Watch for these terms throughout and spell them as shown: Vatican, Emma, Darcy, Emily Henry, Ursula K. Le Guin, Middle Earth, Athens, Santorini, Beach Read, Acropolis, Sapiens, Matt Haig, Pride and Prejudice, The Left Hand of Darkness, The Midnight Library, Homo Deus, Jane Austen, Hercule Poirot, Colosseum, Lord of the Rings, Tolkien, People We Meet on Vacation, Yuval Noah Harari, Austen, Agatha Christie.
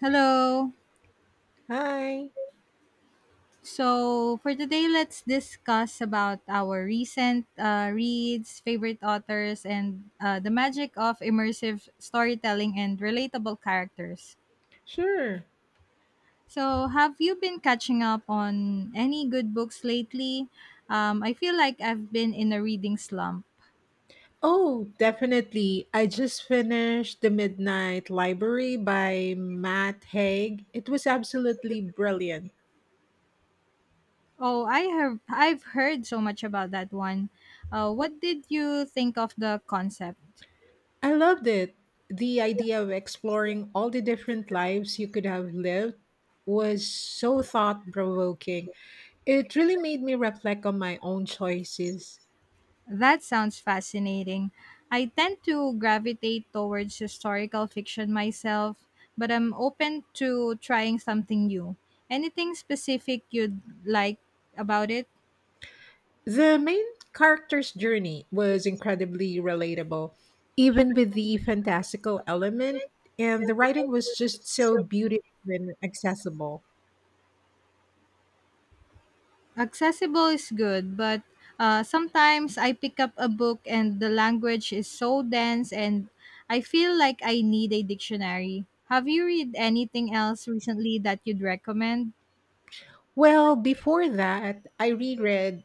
Hello. Hi. So for today, let's discuss about our recent reads, favorite authors, and the magic of immersive storytelling and relatable characters. Sure. So, have you been catching up on any good books lately? I feel like I've been in a reading slump. Oh, definitely. I just finished The Midnight Library by Matt Haig. It was absolutely brilliant. Oh, I have. I've heard so much about that one. What did you think of the concept? I loved it. The idea of exploring all the different lives you could have lived was so thought provoking. It really made me reflect on my own choices. That sounds fascinating. I tend to gravitate towards historical fiction myself, but I'm open to trying something new. Anything specific you'd like about it? The main character's journey was incredibly relatable, even with the fantastical element, and the writing was just so beautiful and accessible. Accessible is good, but sometimes I pick up a book and the language is so dense and I feel like I need a dictionary. Have you read anything else recently that you'd recommend? Well, before that, I reread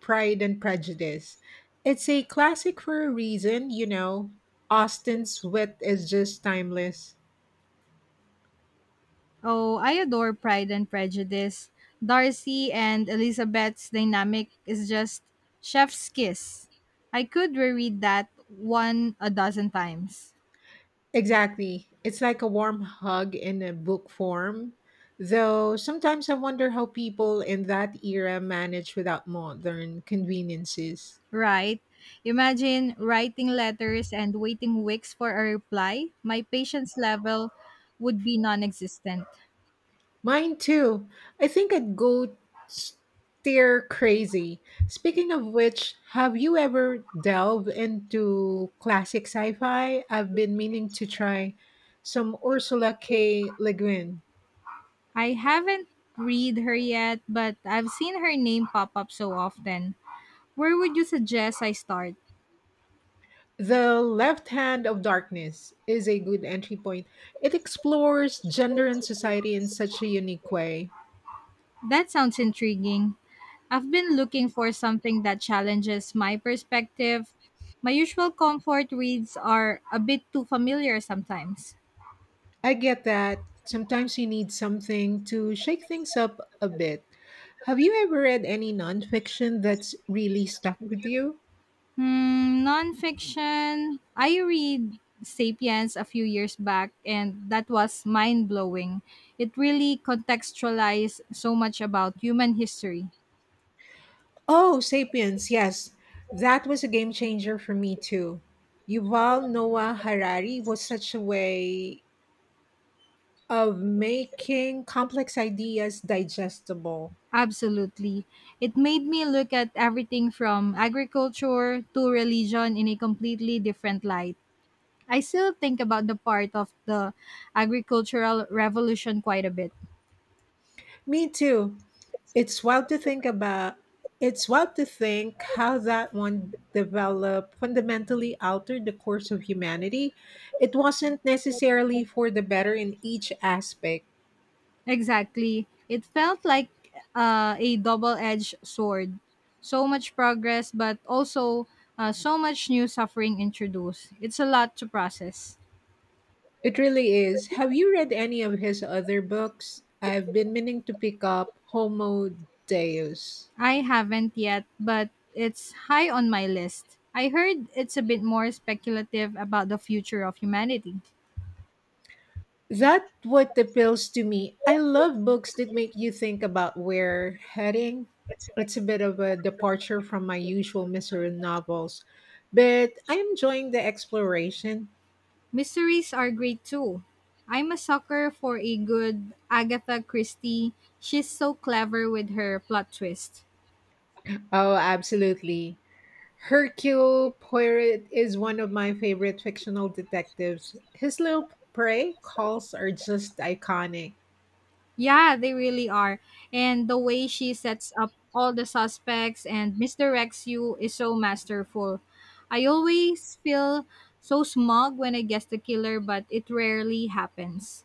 Pride and Prejudice. It's a classic for a reason, you know. Austen's wit is just timeless. Oh, I adore Pride and Prejudice. Darcy and Elizabeth's dynamic is just chef's kiss. I could reread that one a dozen times. Exactly. It's like a warm hug in a book form. Though sometimes I wonder how people in that era manage without modern conveniences. Right? Imagine writing letters and waiting weeks for a reply. My patience level would be non existent. Mine too. I think I'd go stir crazy. Speaking of which, have you ever delved into classic sci fi? I've been meaning to try some Ursula K. Le Guin. I haven't read her yet, but I've seen her name pop up so often. Where would you suggest I start? The Left Hand of Darkness is a good entry point. It explores gender and society in such a unique way. That sounds intriguing. I've been looking for something that challenges my perspective. My usual comfort reads are a bit too familiar sometimes. I get that sometimes you need something to shake things up a bit. Have you ever read any nonfiction that's really stuck with you? Hmm, nonfiction. I read Sapiens a few years back, and that was mind blowing. It really contextualized so much about human history. Oh, Sapiens, yes. That was a game changer for me too. Yuval Noah Harari was such a way of making complex ideas digestible. Absolutely. It made me look at everything from agriculture to religion in a completely different light. I still think about the part of the agricultural revolution quite a bit. Me too. It's wild to think about. It's wild to think how that one developed fundamentally altered the course of humanity. It wasn't necessarily for the better in each aspect. Exactly. It felt like a double edged sword. So much progress, but also so much new suffering introduced. It's a lot to process. It really is. Have you read any of his other books? I've been meaning to pick up Homo Deus. I haven't yet, but it's high on my list. I heard it's a bit more speculative about the future of humanity. That what appeals to me. I love books that make you think about where heading. It's a bit of a departure from my usual mystery novels, but I'm enjoying the exploration. Mysteries are great too. I'm a sucker for a good Agatha Christie. She's so clever with her plot twist. Oh, absolutely. Hercule Poirot is one of my favorite fictional detectives. His little prey calls are just iconic. Yeah, they really are. And the way she sets up all the suspects and misdirects you is so masterful. I always feel so smug when I guess the killer, but it rarely happens.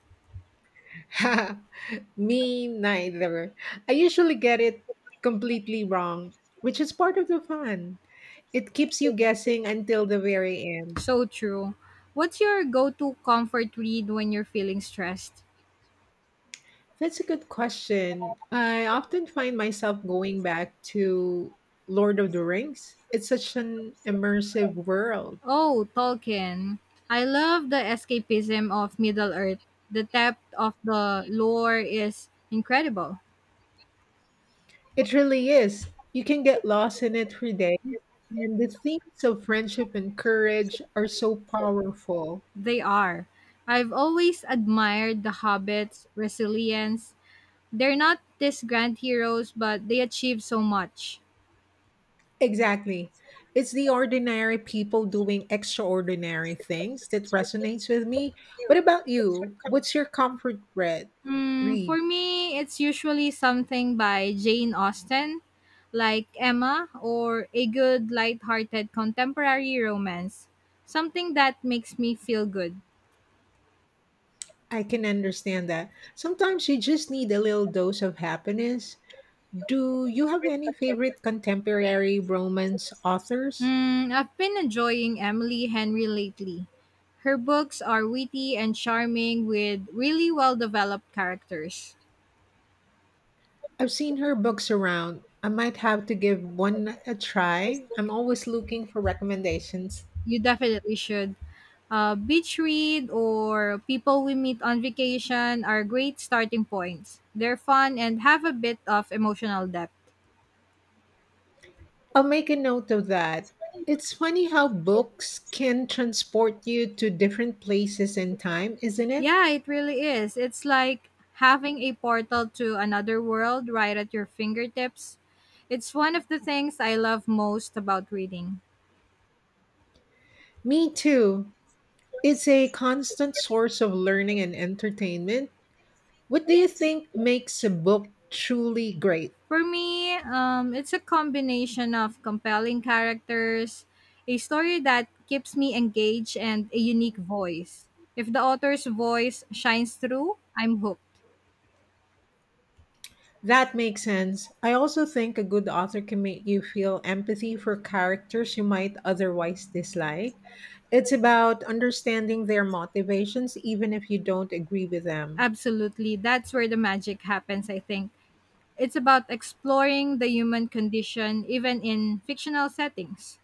Me neither. I usually get it completely wrong, which is part of the fun. It keeps you guessing until the very end. So true. What's your go to comfort read when you're feeling stressed? That's a good question. I often find myself going back to Lord of the Rings. It's such an immersive world. Oh, Tolkien. I love the escapism of Middle Earth. The depth of the lore is incredible. It really is. You can get lost in it for days. And the themes of friendship and courage are so powerful. They are. I've always admired the hobbits' resilience. They're not these grand heroes, but they achieve so much. Exactly. It's the ordinary people doing extraordinary things that resonates with me. What about you? What's your comfort read? Hmm, for Read. me, it's usually something by Jane Austen, like Emma, or a good, light-hearted contemporary romance. Something that makes me feel good. I can understand that. Sometimes you just need a little dose of happiness. Do you have any favorite contemporary romance authors? Hmm, I've been enjoying Emily Henry lately. Her books are witty and charming with really well developed characters. I've seen her books around. I might have to give one a try. I'm always looking for recommendations. You definitely should. Beach Read or People We Meet on Vacation are great starting points. They're fun and have a bit of emotional depth. I'll make a note of that. It's funny how books can transport you to different places and time, isn't it? Yeah, it really is. It's like having a portal to another world right at your fingertips. It's one of the things I love most about reading. Me too. It's a constant source of learning and entertainment. What do you think makes a book truly great? For me, it's a combination of compelling characters, a story that keeps me engaged, and a unique voice. If the author's voice shines through, I'm hooked. That makes sense. I also think a good author can make you feel empathy for characters you might otherwise dislike. It's about understanding their motivations, even if you don't agree with them. Absolutely. That's where the magic happens, I think. It's about exploring the human condition, even in fictional settings.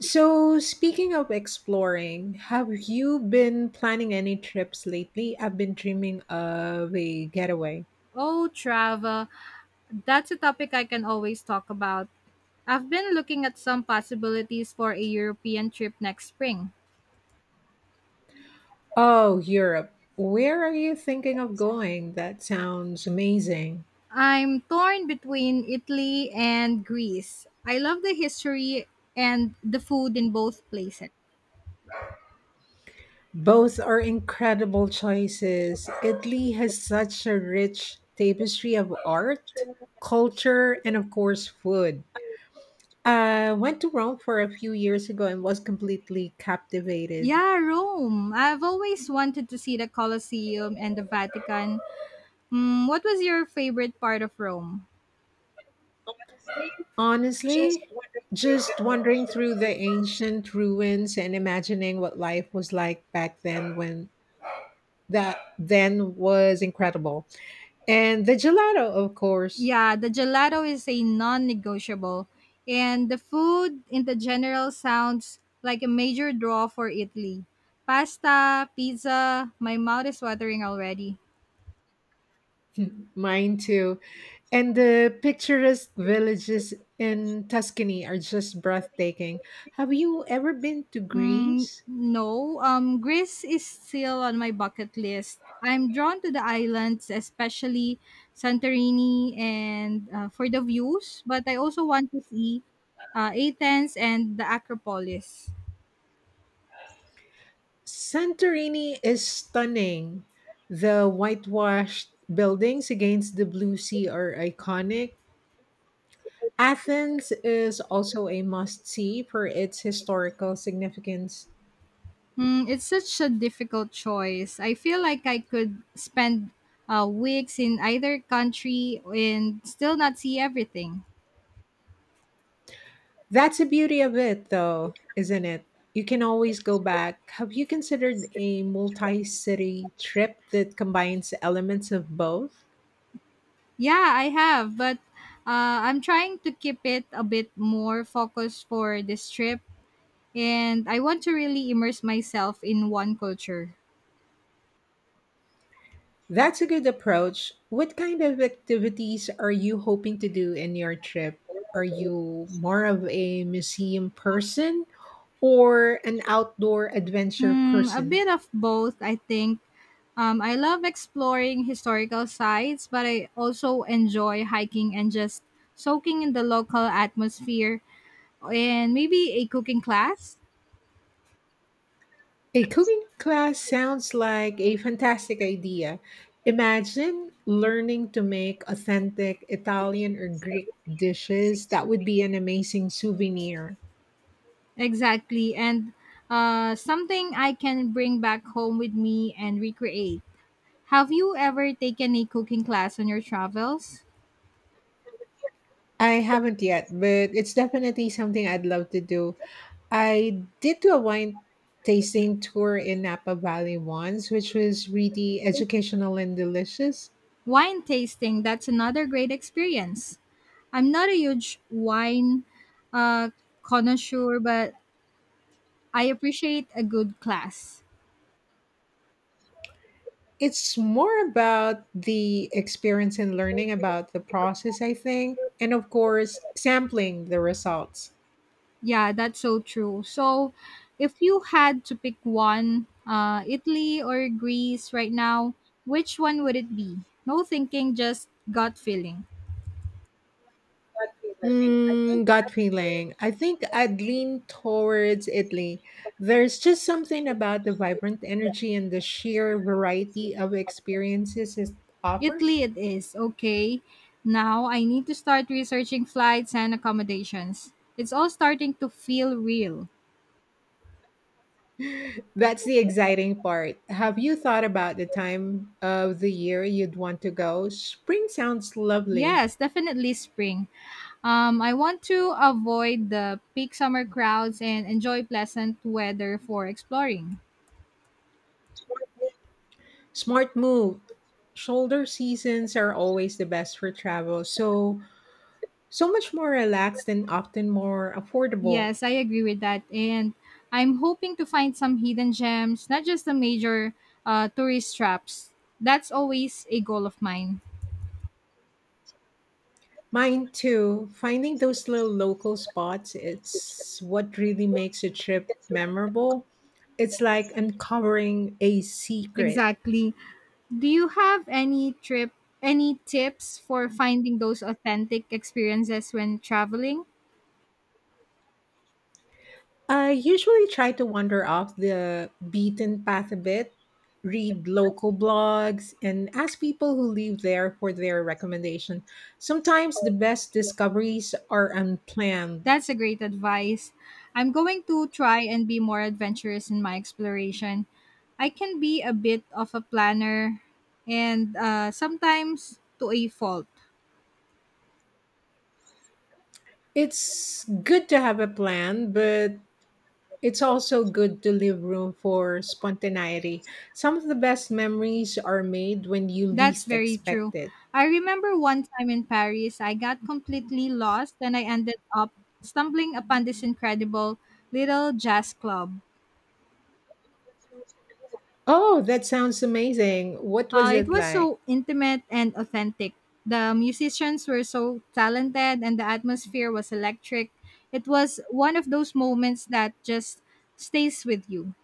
So, speaking of exploring, have you been planning any trips lately? I've been dreaming of a getaway. Oh, travel. That's a topic I can always talk about. I've been looking at some possibilities for a European trip next spring. Oh, Europe. Where are you thinking of going? That sounds amazing. I'm torn between Italy and Greece. I love the history and the food in both places. Both are incredible choices. Italy has such a rich tapestry of art, culture, and of course, food. I went to Rome for a few years ago and was completely captivated. Yeah, Rome. I've always wanted to see the Colosseum and the Vatican. Mm, what was your favorite part of Rome? Honestly, just wandering through the ancient ruins and imagining what life was like back then when that then was incredible. And the gelato, of course, Yeah, the gelato is a non negotiable, and the food in the general sounds like a major draw for Italy. Pasta, pizza, my mouth is watering already. mine too. And the picturesque villages in Tuscany are just breathtaking. Have you ever been to Mm, Greece? no, Greece is still on my bucket list. I'm drawn to the islands, especially Santorini, and for the views. But I also want to see Athens and the Acropolis. Santorini is stunning. The whitewashed buildings against the blue sea are iconic. Athens is also a must see for its historical significance. Mm, it's such a difficult choice. I feel like I could spend weeks in either country and still not see everything. That's the beauty of it, though, isn't it? You can always go back. Have you considered a multi city trip that combines elements of both? Yeah, I have, but I'm trying to keep it a bit more focused for this trip and I want to really immerse myself in one culture. That's a good approach. What kind of activities are you hoping to do in your trip? Are you more of a museum person or an outdoor adventure Hmm, a person? bit of both, I think. I love exploring historical sites, but I also enjoy hiking and just soaking in the local atmosphere and maybe a cooking class. A cooking class sounds like a fantastic idea. Imagine learning to make authentic Italian or Greek dishes. That would be an amazing souvenir. Exactly. And something I can bring back home with me and recreate. Have you ever taken a cooking class on your travels? I haven't yet, but it's definitely something I'd love to do. I did do a wine tasting tour in Napa Valley once, which was really educational and delicious. Wine tasting, that's another great experience. I'm not a huge wine uh, connoisseur, but I appreciate a good class. It's more about the experience and learning about the process, I think, and of course, sampling the results. Yeah, that's so true. So, if you had to pick one, Italy or Greece right now, which one would it be? No thinking, just gut feeling. Mm, gut feeling. I think I'd lean towards Italy. There's just something about the vibrant energy and the sheer variety of experiences it offers. Italy, it is. Okay. Now I need to start researching flights and accommodations. It's all starting to feel real. That's the exciting part. Have you thought about the time of the year you'd want to go? Spring sounds lovely. Yes, definitely spring. I want to avoid the peak summer crowds and enjoy pleasant weather for exploring. Smart move. Shoulder seasons are always the best for travel. So, so much more relaxed and often more affordable. Yes, I agree with that. And I'm hoping to find some hidden gems, not just the major tourist traps. That's always a goal of mine. Mine too. Finding those little local spots, it's what really makes a trip memorable. It's like uncovering a secret. Exactly. Do you have any tips for finding those authentic experiences when traveling? I usually try to wander off the beaten path a bit, read local blogs, and ask people who live there for their recommendation. Sometimes the best discoveries are unplanned. That's a great advice. I'm going to try and be more adventurous in my exploration. I can be a bit of a planner and sometimes to a fault. It's good to have a plan, but it's also good to leave room for spontaneity. Some of the best memories are made when you That's least very true. expect it. I remember one time in Paris, I got completely lost and I ended up stumbling upon this incredible little jazz club. Oh, that sounds amazing. What was It it was like? so intimate and authentic. The musicians were so talented, and the atmosphere was electric. It was one of those moments that just stays with you.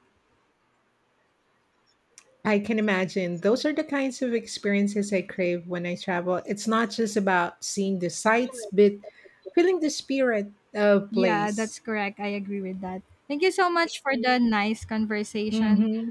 I can imagine. Those are the kinds of experiences I crave when I travel. It's not just about seeing the sights, but feeling the spirit of Yeah, that's place. correct. I agree with that. Thank you so much for the nice conversation. Hmm